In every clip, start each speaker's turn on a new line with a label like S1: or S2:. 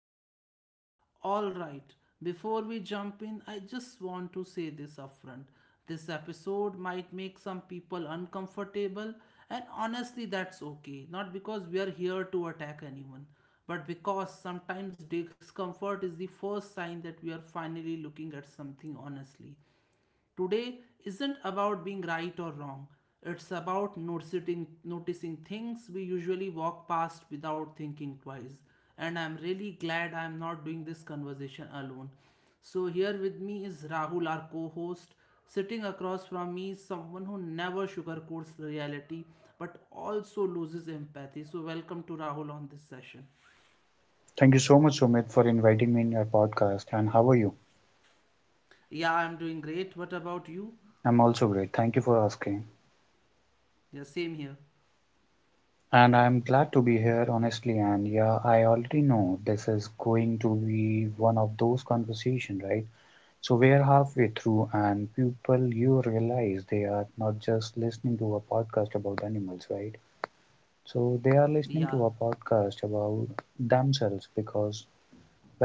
S1: podcast. All right, before we jump in, I just want to say this upfront. This episode might make some people uncomfortable, and honestly, that's okay. Not because we are here to attack anyone, but because sometimes discomfort is the first sign that we are finally looking at something honestly. Today isn't about being right or wrong. It's about noticing things we usually walk past without thinking twice. And I'm really glad I'm not doing this conversation alone. So here with me is Rahul, our co-host. Sitting across from me is someone who never sugarcoats reality but also loses empathy. So welcome to Rahul on this session.
S2: Thank you so much, Sumit, for inviting me in your podcast. And how are you?
S1: Yeah, I'm doing great. What about you?
S2: I'm also great. Thank you for asking.
S1: Yeah, same here.
S2: And I'm glad to be here, honestly. And yeah, I already know this is going to be one of those conversations, right? So we're halfway through, and people, you realize they are not just listening to a podcast about animals, right? So they are listening
S1: Yeah,
S2: to a podcast about themselves because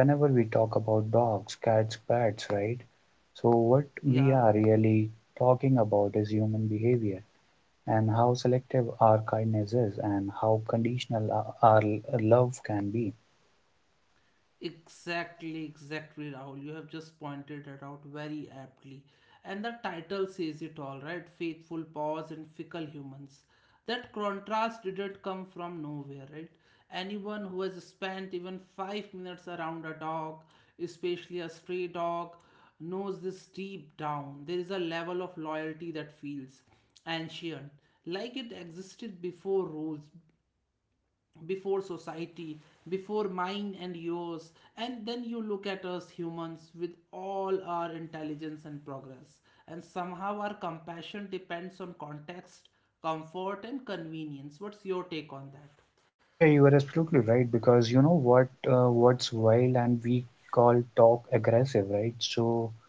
S2: whenever we talk about dogs, cats, pets, right? So what we
S1: yeah.
S2: are really talking about is human behavior and how selective our kindness is and how conditional our love can be.
S1: Exactly, exactly, Rahul. You have just pointed it out very aptly. And the title says it all, right? Faithful paws and fickle humans. That contrast didn't come from nowhere, right? Anyone who has spent even 5 minutes around a dog, especially a stray dog, knows this deep down. There is a level of loyalty that feels ancient, like it existed before rules, before society, before mine and yours, and then you look at us humans with all our intelligence and progress, and somehow our compassion depends on context, comfort, and convenience. What's your take on that?
S2: Yeah, you are absolutely right because you know what, what's wild, and we call talk aggressive, right? So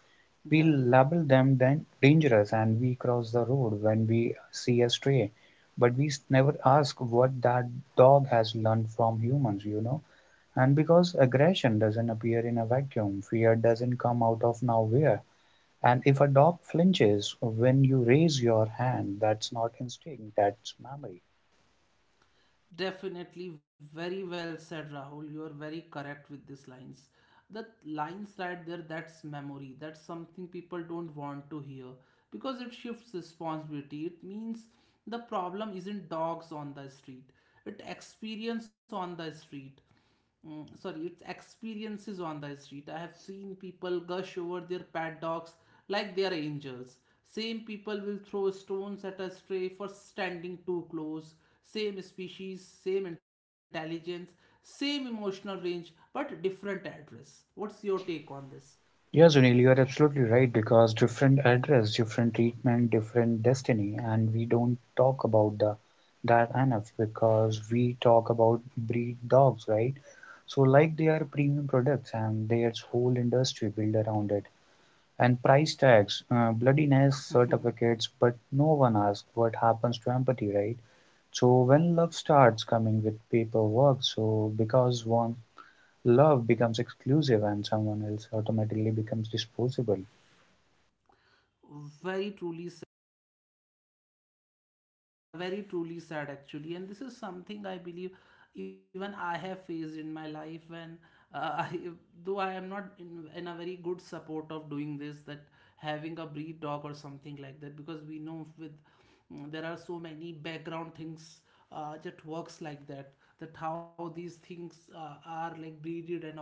S1: Yeah.
S2: we label them then dangerous, and we cross the road when we see a stray, but we never ask what that dog has learned from humans, you know. And because aggression doesn't appear in a vacuum, fear doesn't come out of nowhere. And if a dog flinches when you raise your hand, that's not instinct, that's memory.
S1: Definitely very well said, Rahul. You are very correct with these lines. The lines right there, that's memory. That's something people don't want to hear because it shifts responsibility. It means the problem isn't dogs on the street, it experience on the street, sorry, its experiences on the street. I have seen people gush over their paddocks like they are angels. Same people will throw stones at a stray for standing too close. Same species, same intelligence, same emotional range, but different address. What's your take on this?
S2: Yes, Sunil, you are absolutely right because different address, different treatment, different destiny, and we don't talk about the that enough because we talk about breed dogs, right? So, like they are premium products and there's whole industry built around it. And price tags, bloodiness certificates, but no one asks what happens to empathy, right? So when love starts coming with paperwork, so because one love becomes exclusive and someone else automatically becomes disposable.
S1: Very truly, yeah, very truly sad actually, and this is something I believe, even I have faced in my life when I though I am not in a very good support of doing this, that having a breed dog or something like that, because we know with, there are so many background things that works like that how these things are like breeded and all,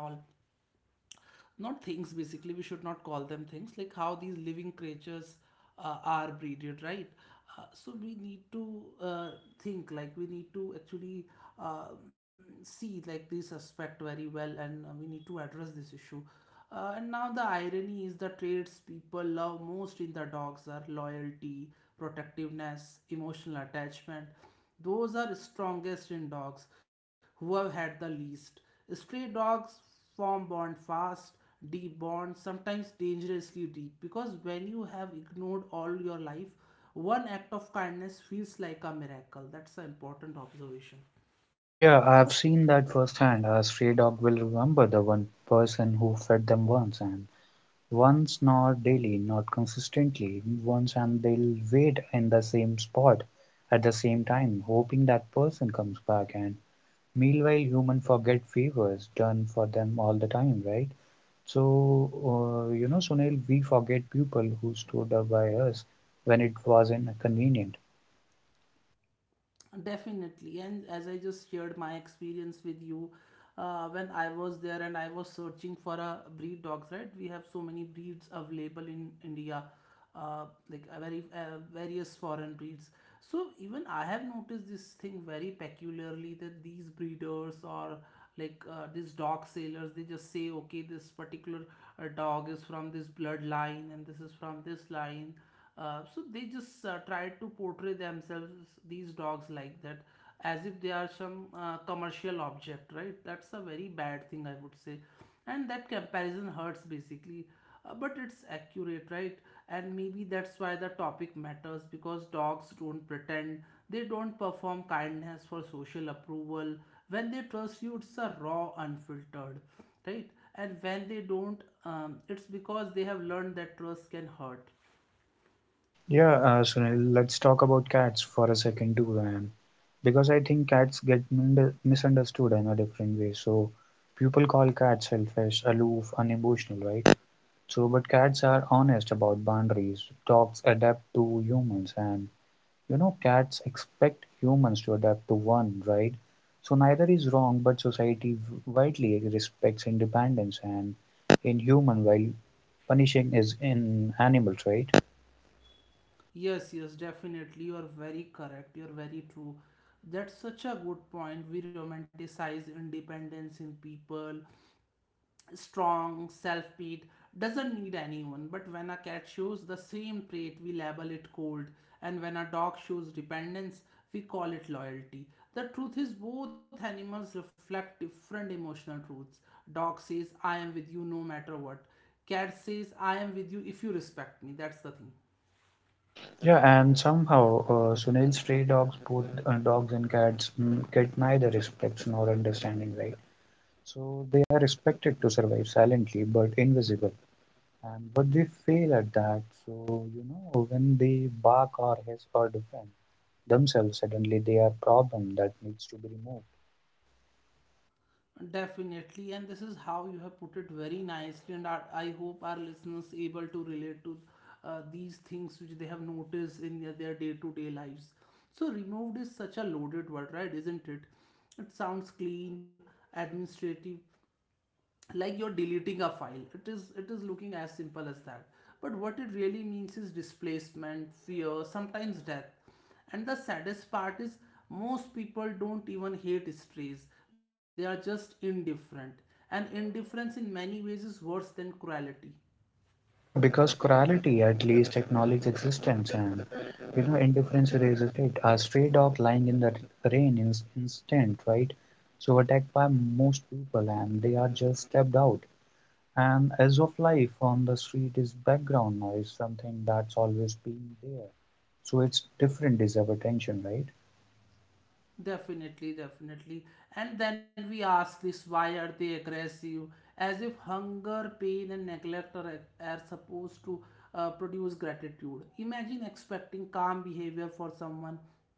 S1: not things, basically we should not call them things, like how these living creatures are breeded, right? So we need to, think, like we need to actually, um see like this aspect very well, and we need to address this issue. And now the irony is, the traits people love most in the dogs are loyalty, protectiveness, emotional attachment. Those are strongest in dogs who have had the least. Stray dogs form bond fast, deep bond, sometimes dangerously deep, because when you have ignored all your life, one act of kindness feels like a miracle. That's an important observation.
S2: Yeah, I've seen that firsthand. A stray dog will remember the one person who fed them once, and once, not daily, not consistently, once, and they'll wait in the same spot at the same time, hoping that person comes back. And meanwhile, human forget favors done for them all the time, right? So, you know, Sunil, we forget people who stood up by us when it wasn't convenient.
S1: Definitely, and as I just shared my experience with you, when I was there and I was searching for a breed dogs, right? We have so many breeds available in India, like a very various foreign breeds. So even I have noticed this thing very peculiarly that these breeders or like, these dog sailors, they just say, okay, this particular dog is from this bloodline and this is from this line. So they just, try to portray themselves, these dogs, like that, as if they are some, commercial object, right? That's a very bad thing, I would say. And that comparison hurts basically. But it's accurate, right? And maybe that's why the topic matters, because dogs don't pretend, they don't perform kindness for social approval. When they trust you, it's a raw, unfiltered, right? And when they don't, it's because they have learned that trust can hurt.
S2: Yeah, Sunil, let's talk about cats for a second too, and because I think cats get misunderstood in a different way. So people call cats selfish, aloof, unemotional, right? So, but cats are honest about boundaries. Dogs adapt to humans, and you know, cats expect humans to adapt to one, right? So neither is wrong, but society widely respects independence and in human while punishing is in animals, right?
S1: Yes, yes, definitely. You are very correct. You're very true. That's such a good point. We romanticize independence in people. Strong, self pity doesn't need anyone. But when a cat shows the same trait, we label it cold. And when a dog shows dependence, we call it loyalty. The truth is, both animals reflect different emotional truths. Dog says, I am with you no matter what. Cat says, I am with you if you respect me. That's the thing.
S2: Yeah, and somehow Sunil's stray dogs, both dogs and cats, get neither respects nor understanding, right? So they are expected to survive silently but invisible. And but they fail at that. So you know, when they bark or hiss or defend themselves, suddenly they are a problem that needs to be removed.
S1: Definitely, and this is how you have put it very nicely, and I hope our listeners able to relate to, these things which they have noticed in their day to day lives. So, removed is such a loaded word, right? Isn't it? It sounds clean, administrative, like you're deleting a file. It is looking as simple as that, but what it really means is displacement, fear, sometimes death. And the saddest part is, most people don't even hate strays, they are just indifferent. And indifference in many ways is worse than cruelty.
S2: Yeah, because cruelty at least acknowledges existence, and you know indifference erases it. A stray dog lying in the rain is instant, right? So attacked by most people, and they are just stepped out. And as of life on the street is background noise, something that's always been there. So it's different deserve attention, right?
S1: Definitely, definitely. And then we ask this, why are they aggressive? As if hunger, pain, and neglect are supposed to, produce gratitude. Imagine expecting calm behavior for someone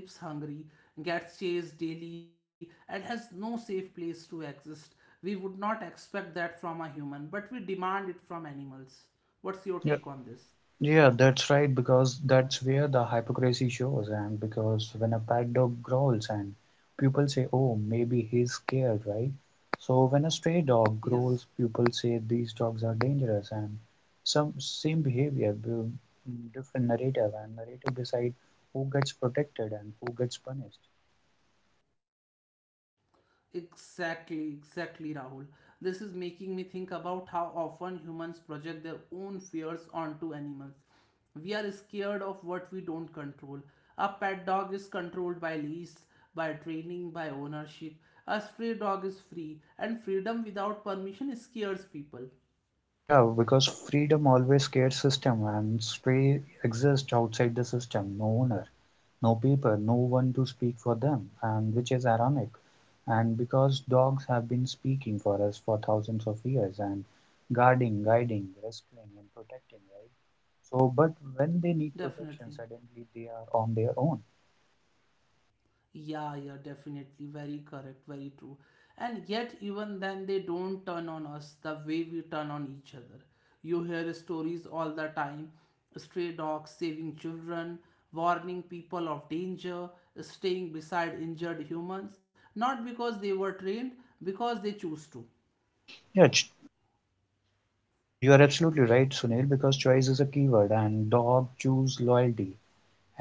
S1: who sleeps hungry, gets chased daily, and has no safe place to exist. We would not expect that from a human, but we demand it from animals.
S2: Yeah.
S1: What's your take on this?
S2: Yeah, that's right, because that's where the hypocrisy shows, and because when a pet dog growls and people say, oh, maybe he's scared, right? So when a stray dog growls, people
S1: Yes.
S2: say these dogs are dangerous, and some same behavior, different narrative, and narrative decide who gets protected and who gets punished.
S1: Exactly, exactly, Rahul. This is making me think about how often humans project their own fears onto animals. We are scared of what we don't control. A pet dog is controlled by lease, by training, by ownership. A stray dog is free, and freedom without permission scares people.
S2: Yeah, because freedom always scares system, and stray exist outside the system, no owner, no people, no one to speak for them, and which is ironic. And because dogs have been speaking for us for thousands of years and guarding, guiding, rescuing, and protecting, right? So, but when they need protection,
S1: Definitely.
S2: suddenly they are on their own.
S1: Yeah, yeah, definitely. Very correct, very true. And yet, even then, they don't turn on us the way we turn on each other. You hear stories all the time, stray dogs saving children, warning people of danger, staying beside injured humans, not because they were trained, because they choose to.
S2: Yeah, ch- you are absolutely right, Sunil, because choice is a keyword, and dog choose loyalty,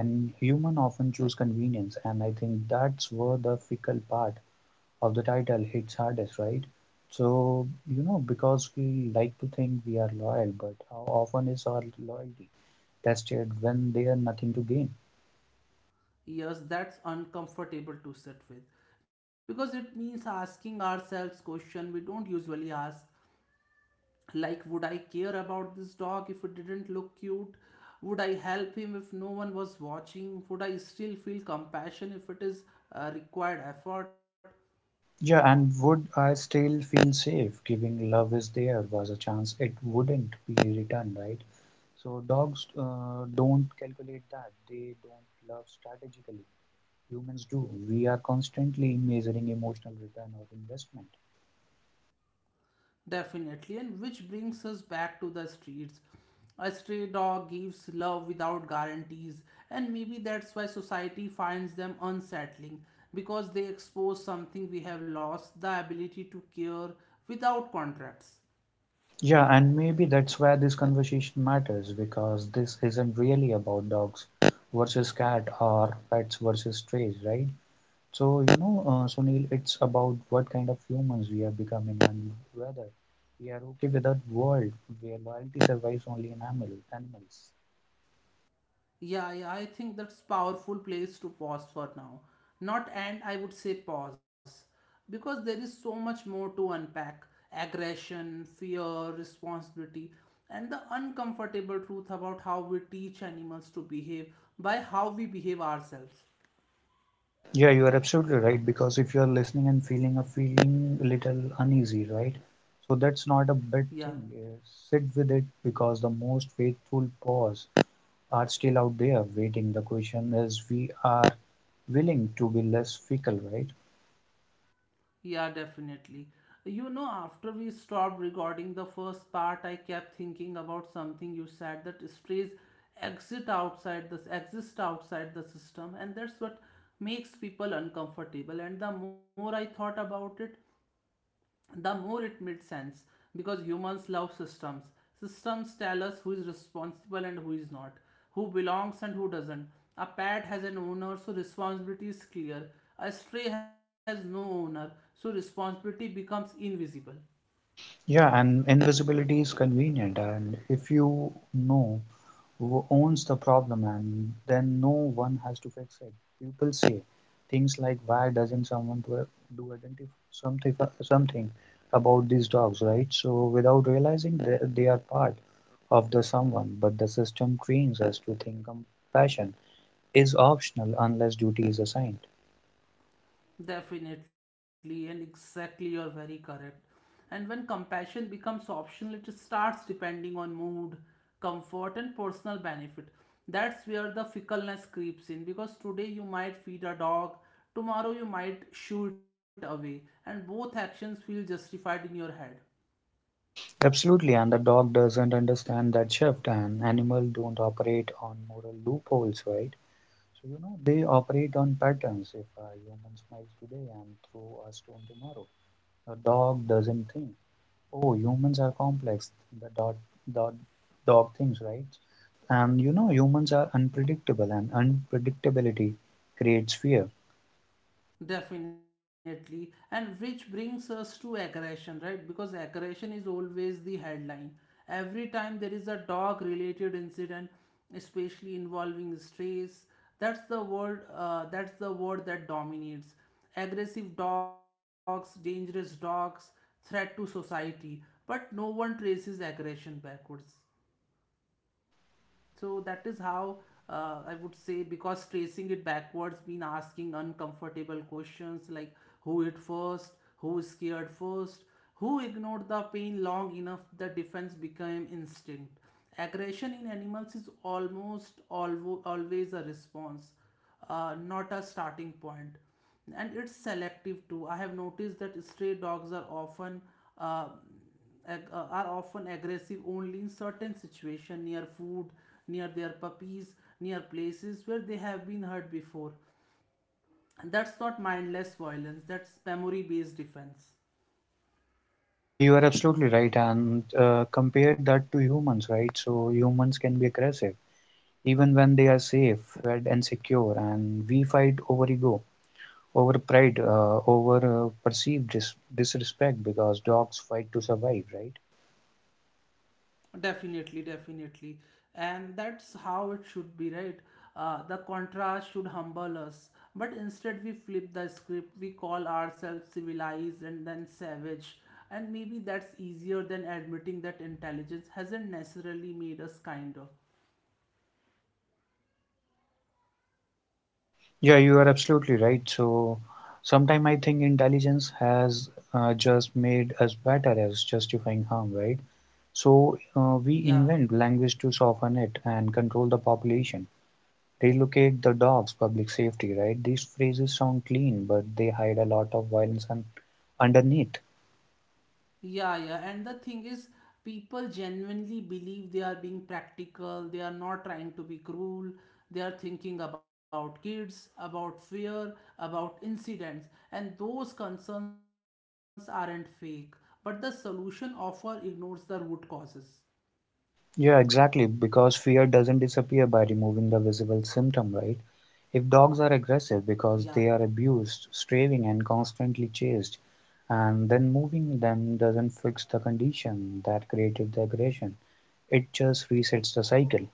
S2: and human often choose convenience, and I think that's where the fickle part of the title hits hardest, right? So, you know, because we like to think we are loyal, but how often is our loyalty tested when they nothing to gain?
S1: Yes, that's uncomfortable to sit with, because it means asking ourselves questions we don't usually ask, like, would I care about this dog if it didn't look cute, would I help him if no one was watching, would I still feel compassion if it is, required effort.
S2: Yeah, and would I still feel safe giving love is there was a chance it wouldn't be returned, right? So dogs don't calculate that. They don't love strategically. Humans do. We are constantly measuring emotional return or investment.
S1: Definitely, and which brings us back to the streets, a stray dog gives love without guarantees. And maybe that's why society finds them unsettling, because they expose something we have lost, the ability to care without contracts.
S2: Yeah, and maybe that's where this conversation matters because this isn't really about dogs versus cat or pets versus strays, right? So, you know, Sunil, it's about what kind of humans we are becoming and whether we are okay with that world where loyalty survives only in animals.
S1: Yeah, yeah, I think that's powerful place to pause for now. Not, and I would say pause, because there is so much more to unpack. Aggression, fear, responsibility, and the uncomfortable truth about how we teach animals to behave by how we behave ourselves.
S2: Yeah, you are absolutely right because if you are listening and feeling a little uneasy, right? So that's not a bad
S1: Yeah.
S2: thing. Sit with it because the most faithful pause are still out there waiting. The question is, we are willing to be less fickle, right?
S1: Yeah, definitely. You know, after we stopped recording the first part, I kept thinking about something you said, that strays exit outside this exist outside the system, and that's what makes people uncomfortable. And the more I thought about it, the more it made sense, because humans love systems. Systems tell us who is responsible and who is not, who belongs and who doesn't. A pet has an owner, so responsibility is clear. A stray has no owner, so responsibility becomes invisible.
S2: Yeah, and invisibility is convenient, and if you know who owns the problem, and then no one has to fix it. People say things like, "Why doesn't someone do, do identify something about these dogs?" Right? So without realizing that they are part of the someone, but the system trains us to think compassion is optional unless duty is assigned.
S1: Definitely, and exactly, you're very correct. And when compassion becomes optional, it starts depending on mood, comfort, and personal benefit. That's where the fickleness creeps in, because today you might feed a dog, tomorrow you might shoo it away, and both actions feel justified in your head.
S2: Absolutely, and the dog doesn't understand that shift, and animals don't operate on moral loopholes, right? So, you know, they operate on patterns. If a human smiles today and throw a stone tomorrow, the dog doesn't think, oh, humans are complex. The dog, dog, dog thinks, right? And you know, humans are unpredictable, and unpredictability creates fear.
S1: Definitely. And which brings us to aggression, right? Because aggression is always the headline. Every time there is a dog related incident, especially involving strays, that's the word that dominates. Aggressive dogs, dangerous dogs, threat to society. But no one traces aggression backwards. So that is how, I would say, because tracing it backwards mean asking uncomfortable questions like, who hit first, who scared first, who ignored the pain long enough the defense became instinct. Aggression in animals is almost always a response, not a starting point. And it's selective too. I have noticed that stray dogs are uh, often aggressive only in certain situations, near food, near their puppies, near places where they have been hurt before. And that's not mindless violence, that's memory based defense.
S2: Yeah, you are absolutely right. And compare that to humans, right? So humans can be aggressive even when they are safe, fed, and secure. And we fight over ego, over pride, over perceived disrespect because dogs fight to survive, right?
S1: Definitely, definitely. And that's how it should be, right? The contrast should humble us. But instead, we flip the script, we call ourselves civilized and then savage. And maybe that's easier than admitting that intelligence hasn't necessarily made us kinder.
S2: Yeah, you are absolutely right. So sometimes I think intelligence has just made us better as justifying harm, right? So we
S1: Yeah.
S2: invent language to soften it and control the population. Relocate the dogs, public safety, right? These phrases sound clean, but they hide a lot of violence underneath.
S1: Yeah, yeah. And the thing is, people genuinely believe they are being practical, they are not trying to be cruel, they are thinking about kids, about fear, about incidents, and those concerns aren't fake. But the solution offer ignores the root causes.
S2: Yeah, exactly. Because fear doesn't disappear by removing the visible symptom, right? If dogs are aggressive
S1: Yeah.
S2: because they are abused, straying, and constantly chased, and then moving them doesn't fix the condition that created the aggression, it just resets the cycle.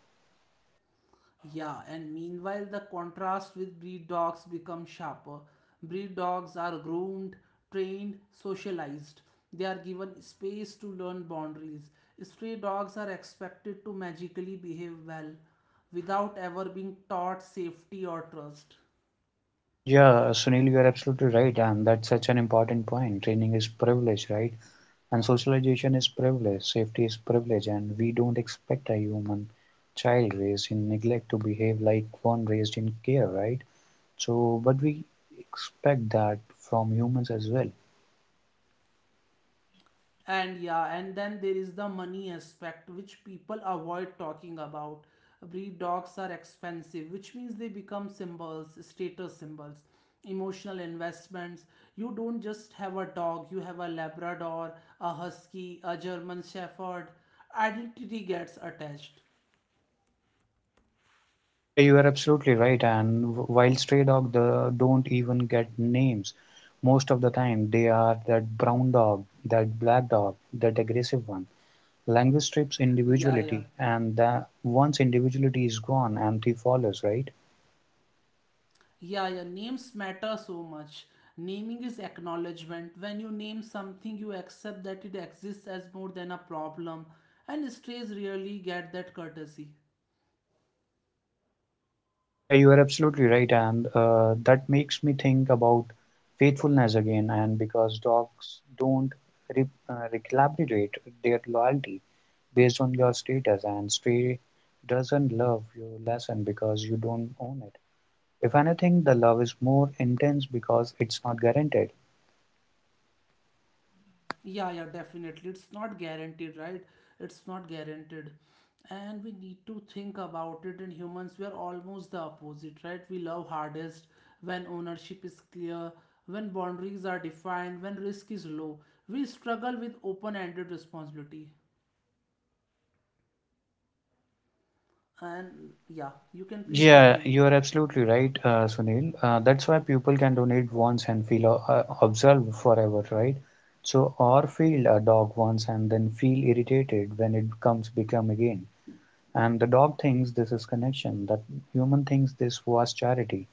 S1: Yeah, and meanwhile, the contrast with breed dogs becomes sharper. Breed dogs are groomed, trained, socialized. They are given space to learn boundaries. Stray dogs are expected to magically behave well without ever being taught safety or trust.
S2: Yeah, Sunil, you are absolutely right, and that's such an important point. Training is privilege, right? And socialization is privilege, safety is privilege, and we don't expect a human child raised in neglect to behave like one raised in care, right? So, but we expect that from humans as well.
S1: And and then there is the money aspect which people avoid talking about. Breed dogs are expensive, which means they become symbols, status symbols, emotional investments. You don't just have a dog, you have a Labrador, a husky, a German shepherd. Identity gets attached.
S2: Yeah, you are absolutely right. And while stray dog, the don't even get names. Most of the time, they are that brown dog, that black dog, that aggressive one. Language strips
S1: yeah
S2: individuality,
S1: yeah
S2: and the, once individuality is gone, empty follows, right?
S1: yeah, yeah, names matter so much. Naming is acknowledgement. When you name something, you accept that it exists as more than a problem, and strays rarely get that courtesy.
S2: Yeah, you are absolutely right, and that makes me think about faithfulness again. And because dogs don't recalibrate their loyalty based on your status, and stray doesn't love you lesson because you don't own it. If anything, the love is more intense because it's not guaranteed.
S1: Yeah, yeah, definitely. It's not guaranteed, right? It's not guaranteed. And we need to think about it. In humans, we are almost the opposite, right? We love hardest when ownership is clear, when boundaries are defined, when risk is low. We struggle with open ended responsibility. And you can please
S2: Yeah,
S1: continue.
S2: you are absolutely right, Sunil. That's why people can donate once and feel observed forever, right? So, or feel a dog once and then feel irritated when it become again. And the dog thinks this is connection, that human thinks this was charity.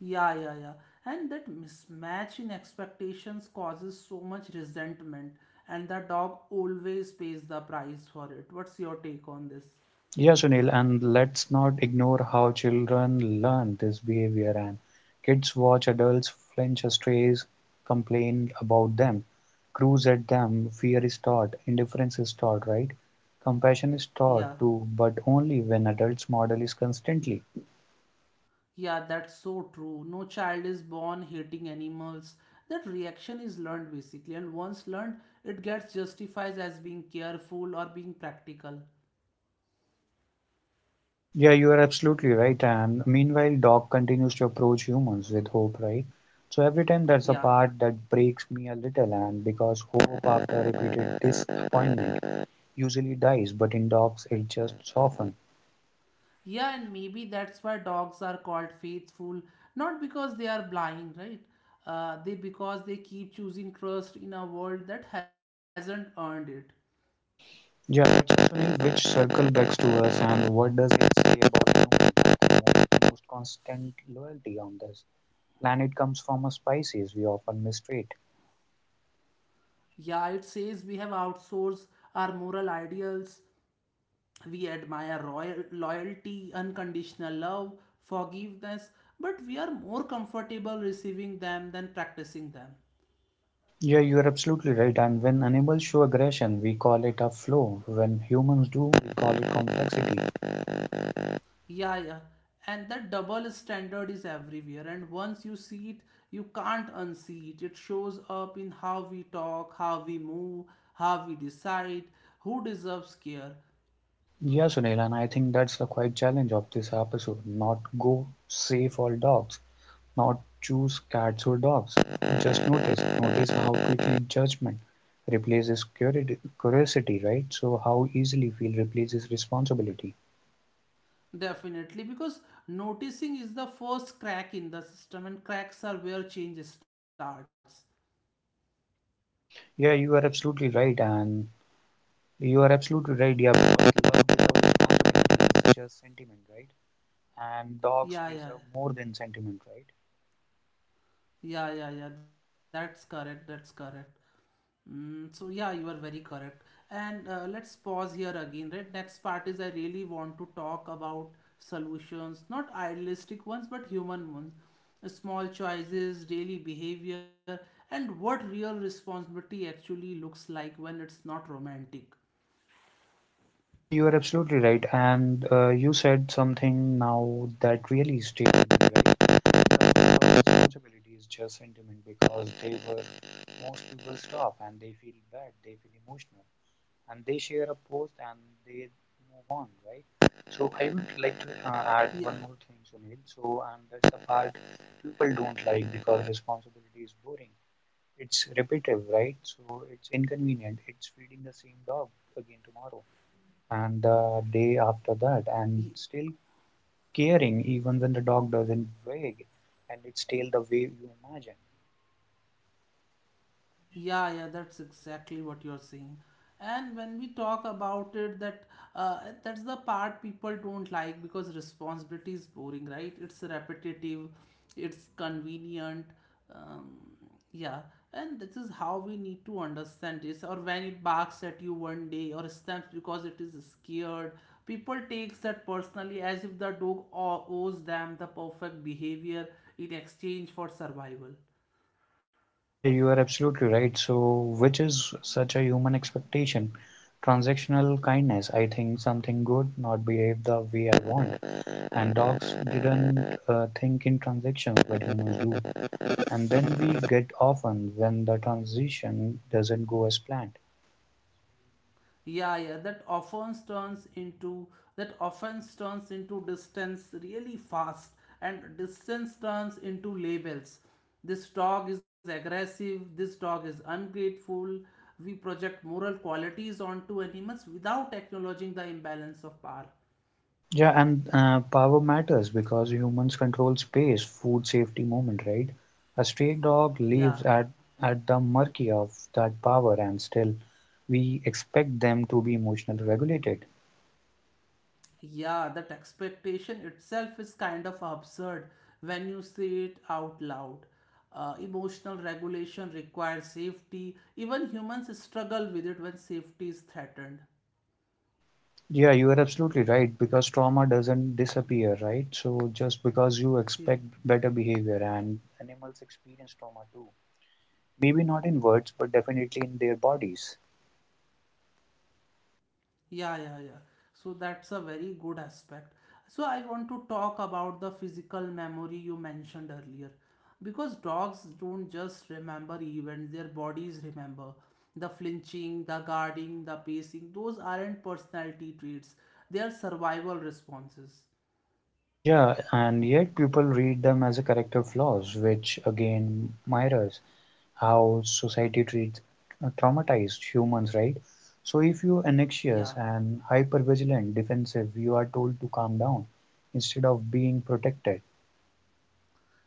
S1: Yeah, and that mismatch in expectations causes so much resentment, and the dog always pays the price for it. What's your take on this?
S2: Yeah, Sunil, and let's not ignore how children learn this behavior. And kids watch adults flinch at strays, complain about them, cruise at them, fear is taught, indifference is taught, right? Compassion is taught
S1: yeah
S2: too, but only when adults model is constantly.
S1: yeah that's so true, no child is born hating animals. That reaction is learned basically, and once learned it gets justified as being careful or being practical.
S2: Yeah, you are absolutely right. And meanwhile, dog continues to approach humans with hope, right? So every time that's a
S1: Yeah.
S2: part that breaks me a little, and because hope after repeated disappointment usually dies, but in dogs it just softens.
S1: Yeah, and maybe that's why dogs are called faithful, not because they are blind, right? They because they keep choosing trust in a world that hasn't earned it.
S2: Yeah, that's something which circle backs to us, and what does it say about human the most constant loyalty on this planet comes from a species we often mistreat.
S1: Yeah, it says we have outsourced our moral ideals. We admire royal loyalty, unconditional love, forgiveness, but we are more comfortable receiving them than practicing them.
S2: Yeah, you are absolutely right. And when animals show aggression, we call it a flaw. When humans do, we call it complexity.
S1: Yeah, yeah. And that double standard is everywhere. And once you see it, you can't unsee it. It shows up in how we talk, how we move, how we decide, who deserves care.
S2: Yeah, Sunil, and I think that's the quite challenge of this episode. Not go save all dogs, not choose cats or dogs, just notice. Notice how quickly judgment replaces curiosity, right? So how easily feel replaces responsibility.
S1: Definitely. Because noticing is the first crack in the system, and cracks are where change starts.
S2: Yeah, you are absolutely right, and you are absolutely right. Yeah, because love without responsibility is just sentiment, right? And dogs
S1: Yeah, yeah.
S2: deserve more than sentiment, right?
S1: Yeah, yeah, yeah. That's correct. That's correct. Mm, so yeah, you are very correct. And let's pause here again, right? Next part is I really want to talk about solutions, not idealistic ones, but human ones. Small choices, daily behavior, and what real responsibility actually looks like when it's not romantic.
S2: Yeah, you are absolutely right. And you said something now that really stayed with me, right? Our responsibility is just sentiment because they were most people stop and they feel bad, they feel emotional, and they share a post and they move on, right? So I would like to add
S1: Yeah.
S2: one more thing, Sunil. So and that's the part people don't like because responsibility is boring. It's repetitive, right? So it's inconvenient. It's feeding the same dog again tomorrow and the day after that, and still caring even when the dog doesn't wag and its tail the way you imagine.
S1: Yeah, yeah, that's exactly what you're saying. And when we talk about it, that's the part people don't like because responsibility is boring, right? It's repetitive, it's convenient. Um, yeah, and this is how we need to understand this. Or when it barks at you one day or stamps because it is scared, people takes that personally as if the dog owes them the perfect behavior in exchange for survival.
S2: Yeah, you are absolutely right. So, which is such a human expectation? Transactional kindness. I think something good, not behave the way I want. And dogs didn't think in transactions, but humans do. And then we get often when the transition doesn't go as planned.
S1: Yeah, yeah, that often turns into distance really fast, and distance turns into labels. This dog is aggressive, this dog is ungrateful. We project moral qualities onto animals without acknowledging the imbalance of power.
S2: Yeah, and power matters because humans control space, food safety moment, right? A stray dog lives
S1: Yeah.
S2: at the mercy of that power, and still we expect them to be emotionally regulated.
S1: Yeah, that expectation itself is kind of absurd when you say it out loud. Emotional regulation requires safety. Even humans struggle with it when safety is threatened.
S2: Yeah, you are absolutely right because trauma doesn't disappear, right? So just because you expect
S1: Yeah.
S2: better behavior, and animals experience trauma too. Maybe not in words, but definitely in their bodies.
S1: Yeah, yeah, yeah. So that's a very good aspect. So I want to talk about the physical memory you mentioned earlier. Because dogs don't just remember events, their bodies remember. The flinching, the guarding, the pacing, those aren't personality traits. They are survival responses.
S2: Yeah, and yet people read them as a character flaws, which again mirrors how society treats traumatized humans, right? So if you anxious
S1: Yeah,
S2: and hypervigilant, defensive, you are told to calm down instead of being protected.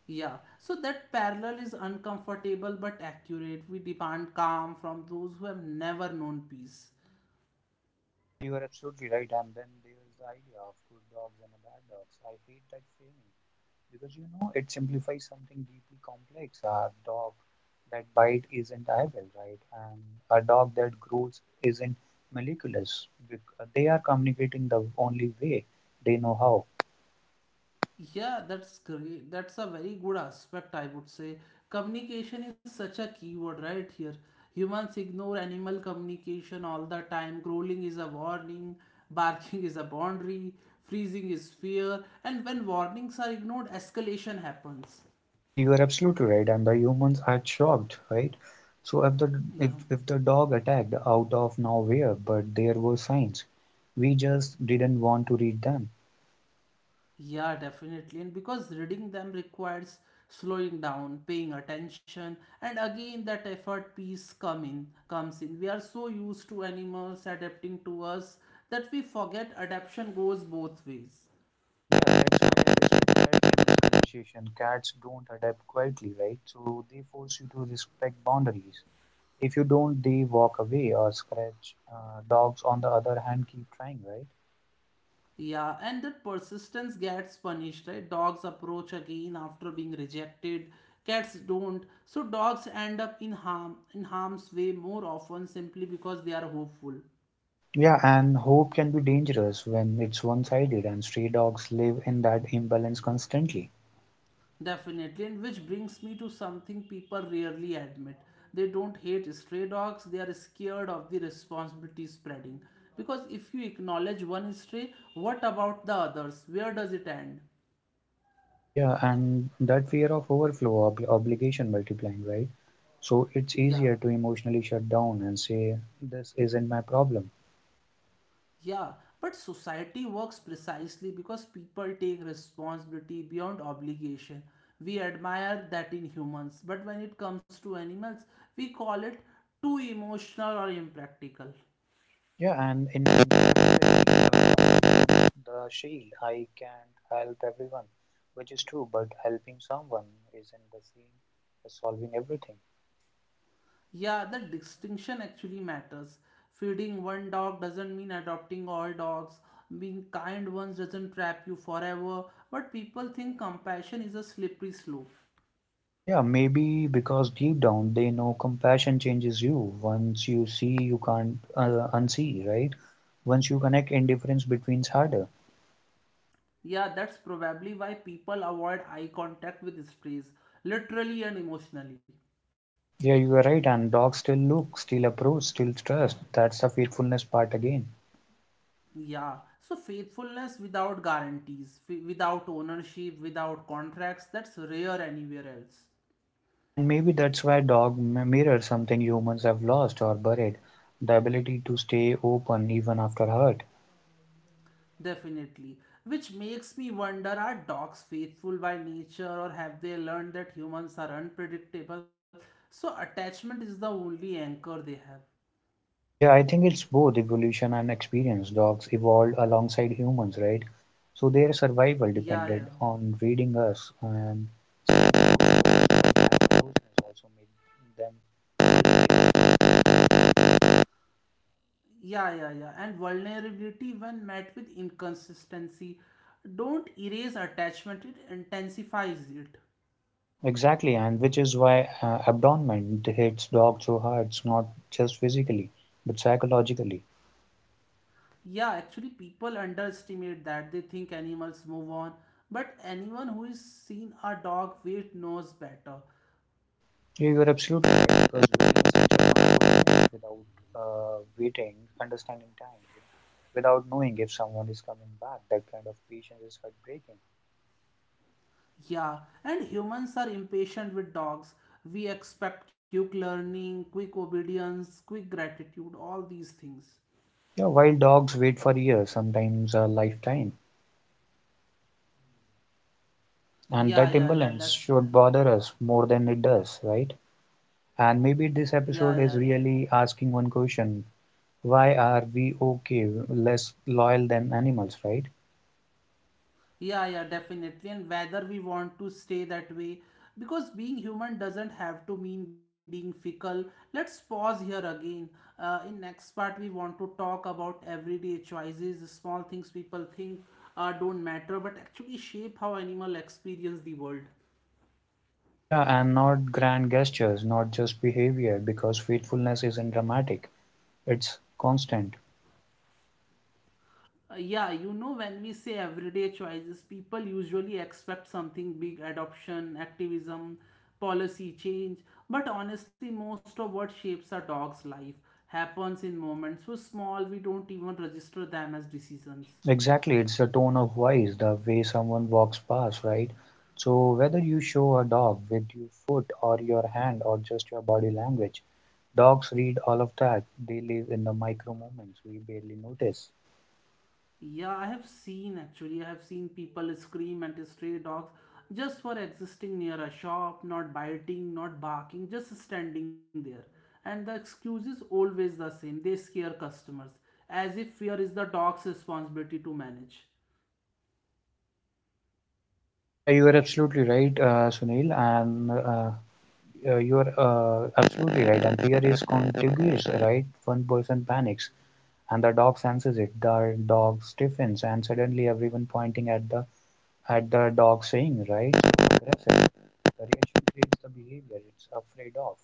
S1: yeah. So that parallel is uncomfortable but accurate. We demand calm from those who have never known peace.
S2: Yeah, you are absolutely right. And then there's the idea of good dogs and bad dogs. I hate that framing because you know it simplifies something deeply complex. A dog that bite isn't evil, right? And a dog that growls isn't malicious. They are communicating the only way they know how.
S1: Yeah, that's great. That's a very good aspect, I would say. Communication is such a keyword right here. Humans ignore animal communication all the time. Growling is a warning, barking is a boundary, freezing is fear, and when warnings are ignored, escalation happens.
S2: Yeah, you are absolutely right, and the humans are shocked, right? So if the
S1: Yeah.
S2: if the dog attacked out of nowhere, but there were signs, we just didn't want to read them.
S1: Yeah, definitely. And because reading them requires slowing down, paying attention, and again that effort piece comes in. We are so used to animals adapting to us that we forget adaptation goes both ways.
S2: Yeah, that's why I respect cats in this conversation. Cats don't adapt quietly, right? So they force you to respect boundaries. If you don't, they walk away or scratch. Dogs, on the other hand, keep trying, right?
S1: Yeah, and that persistence gets punished, right? Dogs approach again after being rejected, cats don't. So dogs end up in harm's way more often simply because they are hopeful.
S2: Yeah, and hope can be dangerous when it's one-sided, and stray dogs live in that imbalance constantly.
S1: Definitely, and which brings me to something people rarely admit. They don't hate stray dogs, they are scared of the responsibility spreading. Because if you acknowledge one stray, what about the others? Where does it end?
S2: Yeah, and that fear of overflow, obligation multiplying, right? So it's
S1: Yeah,
S2: easier to emotionally shut down and say, this isn't my problem.
S1: yeah, but society works precisely because people take responsibility beyond obligation. We admire that in humans, but when it comes to animals, we call it too emotional or impractical.
S2: Yeah, and in my the shield, I can't help everyone, which is true, but helping someone isn't the same as solving everything.
S1: Yeah, the distinction actually matters. Feeding one dog doesn't mean adopting all dogs. Being kind once doesn't trap you forever. But people think compassion is a slippery slope.
S2: Yeah, maybe because deep down they know compassion changes you. Once you see, you can't unsee, right? Once you connect, indifference between's harder.
S1: Yeah, that's probably why people avoid eye contact with strays, literally and emotionally.
S2: Yeah, you are right. And dogs still look, still approach, still trust. That's the fearfulness part again.
S1: Yeah, so faithfulness without guarantees, without ownership, without contracts, that's rare anywhere else.
S2: Yeah, and maybe that's why dog mirrors something humans have lost or buried, the ability to stay open even after hurt.
S1: Definitely. Which makes me wonder, are dogs faithful by nature or have they learned that humans are unpredictable? So attachment is the only anchor they have.
S2: Yeah, I think it's both evolution and experience. Dogs evolved alongside humans, right? So their survival
S1: Yeah, yeah.
S2: depended on reading us, and that closeness also made them.
S1: Yeah, yeah, yeah. And vulnerability when met with inconsistency. Don't erase attachment, it intensifies it.
S2: Exactly, and which is why abandonment hits dogs so hard. It's not just physically, but psychologically.
S1: Yeah, actually, people underestimate that. They think animals move on. But anyone who has seen a dog wait knows better.
S2: Yeah, you're absolutely right because waiting is such a powerful thing without waiting, understanding time, without knowing if someone is coming back. That kind of patience is heartbreaking.
S1: Yeah, and humans are impatient with dogs. We expect quick learning, quick obedience, quick gratitude, all these things.
S2: Yeah, while dogs wait for years, sometimes a lifetime, and that
S1: Yeah, yeah,
S2: imbalance
S1: yeah, that's.
S2: should bother us more than it does, right? And maybe this
S1: Yeah, yeah,
S2: episode
S1: yeah.
S2: is really asking one question. Why are we okay, less loyal than animals, right?
S1: Yeah, yeah, definitely. And whether we want to stay that way, because being human doesn't have to mean being fickle. Let's pause here again. In next part, we want to talk about everyday choices, small things people think don't matter, but actually shape how animal experience the world.
S2: Yeah, and not grand gestures, not just behavior, because faithfulness isn't dramatic, it's constant.
S1: Yeah, you know, when we say everyday choices, people usually expect something big, adoption, activism, policy change. But honestly, most of what shapes a dog's life happens in moments so small we don't even register them as decisions.
S2: Exactly, it's the tone of voice, the way someone walks past, right? So, whether you show a dog with your foot or your hand or just your body language, dogs read all of that. They live in the micro moments we barely notice.
S1: Yeah, I have seen actually. I have seen people scream at stray dogs just for existing near a shop, not biting, not barking, just standing there. And the excuse is always the same, they scare customers, as if fear is the dog's responsibility to manage.
S2: Yeah, you are absolutely right, Sunil. And you are absolutely right. And fear is contagious, right? One person panics, and the dog senses it. The dog stiffens, and suddenly everyone pointing at the dog, saying, "Right, so aggressive." The reaction creates the behavior it's afraid of.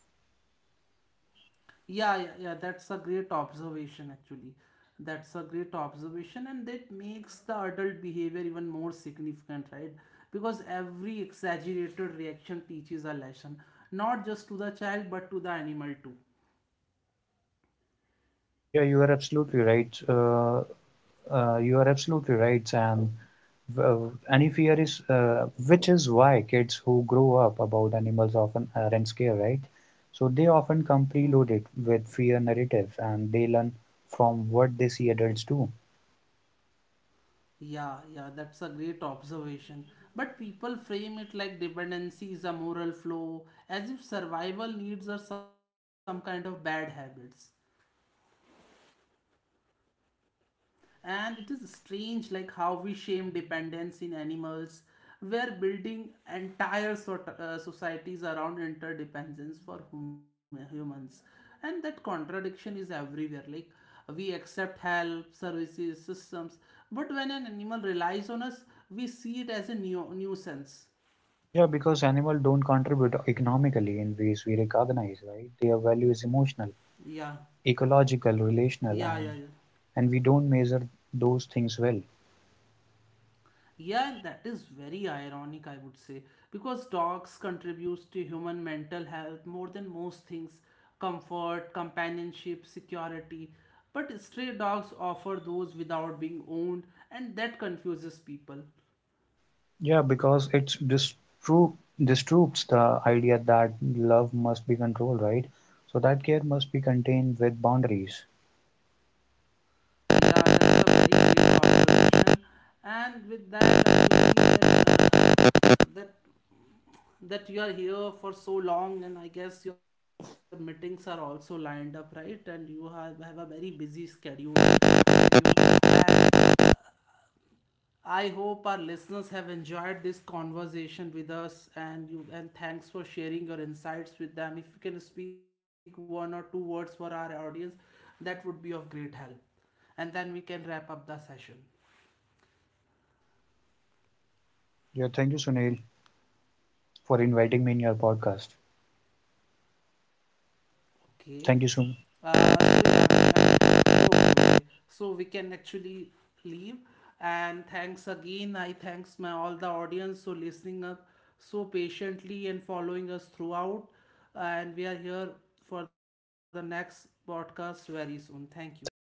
S1: Yeah, yeah, yeah, that's a great observation actually. That's a great observation, and that makes the adult behavior even more significant, right? Because every exaggerated reaction teaches a lesson, not just to the child but to the animal too.
S2: Yeah, you are absolutely right. You are absolutely right, and. Well, any fear is which is why kids who grow up about animals often aren't scared, right? So they often come preloaded with fear narratives, and they learn from what they see adults do.
S1: Yeah, yeah, that's a great observation. But people frame it like dependency is a moral flaw, as if survival needs are some kind of bad habits. And it is strange like how we shame dependence in animals. We're building entire societies around interdependence for humans. And that contradiction is everywhere. Like we accept help, services, systems, but when an animal relies on us, we see it as a nuisance.
S2: Yeah, because animals don't contribute economically in ways we recognize, right? Their value is emotional,
S1: Yeah,
S2: ecological, relational,
S1: yeah, yeah,
S2: and
S1: yeah.
S2: and we don't measure those things well.
S1: Yeah, and that is very ironic, I would say, because dogs contributes to human mental health more than most things, comfort, companionship, security. But stray dogs offer those without being owned, and that confuses people.
S2: Yeah, because it's distru disputes the idea that love must be controlled, right? So that care must be contained with boundaries.
S1: Yeah, that's a very great observation. And with that, I believe that that that you are here for so long, and I guess your meetings are also lined up, right, and you have a very busy schedule with you, and I hope our listeners have enjoyed this conversation with us and you, and thanks for sharing your insights with them. If you can speak one or two words for our audience, that would be of great help, and then we can wrap up the session.
S2: Yeah, thank you, Sunil, for inviting me in your podcast.
S1: Okay.
S2: Thank you so,
S1: So yeah, we I. Okay, okay. So we can actually leave. And thanks again. I thanks my all the audience for listening up so patiently and following us throughout. And we are here for the next podcast very soon. Thank you. Thank you,
S2: thank
S1: Rahul.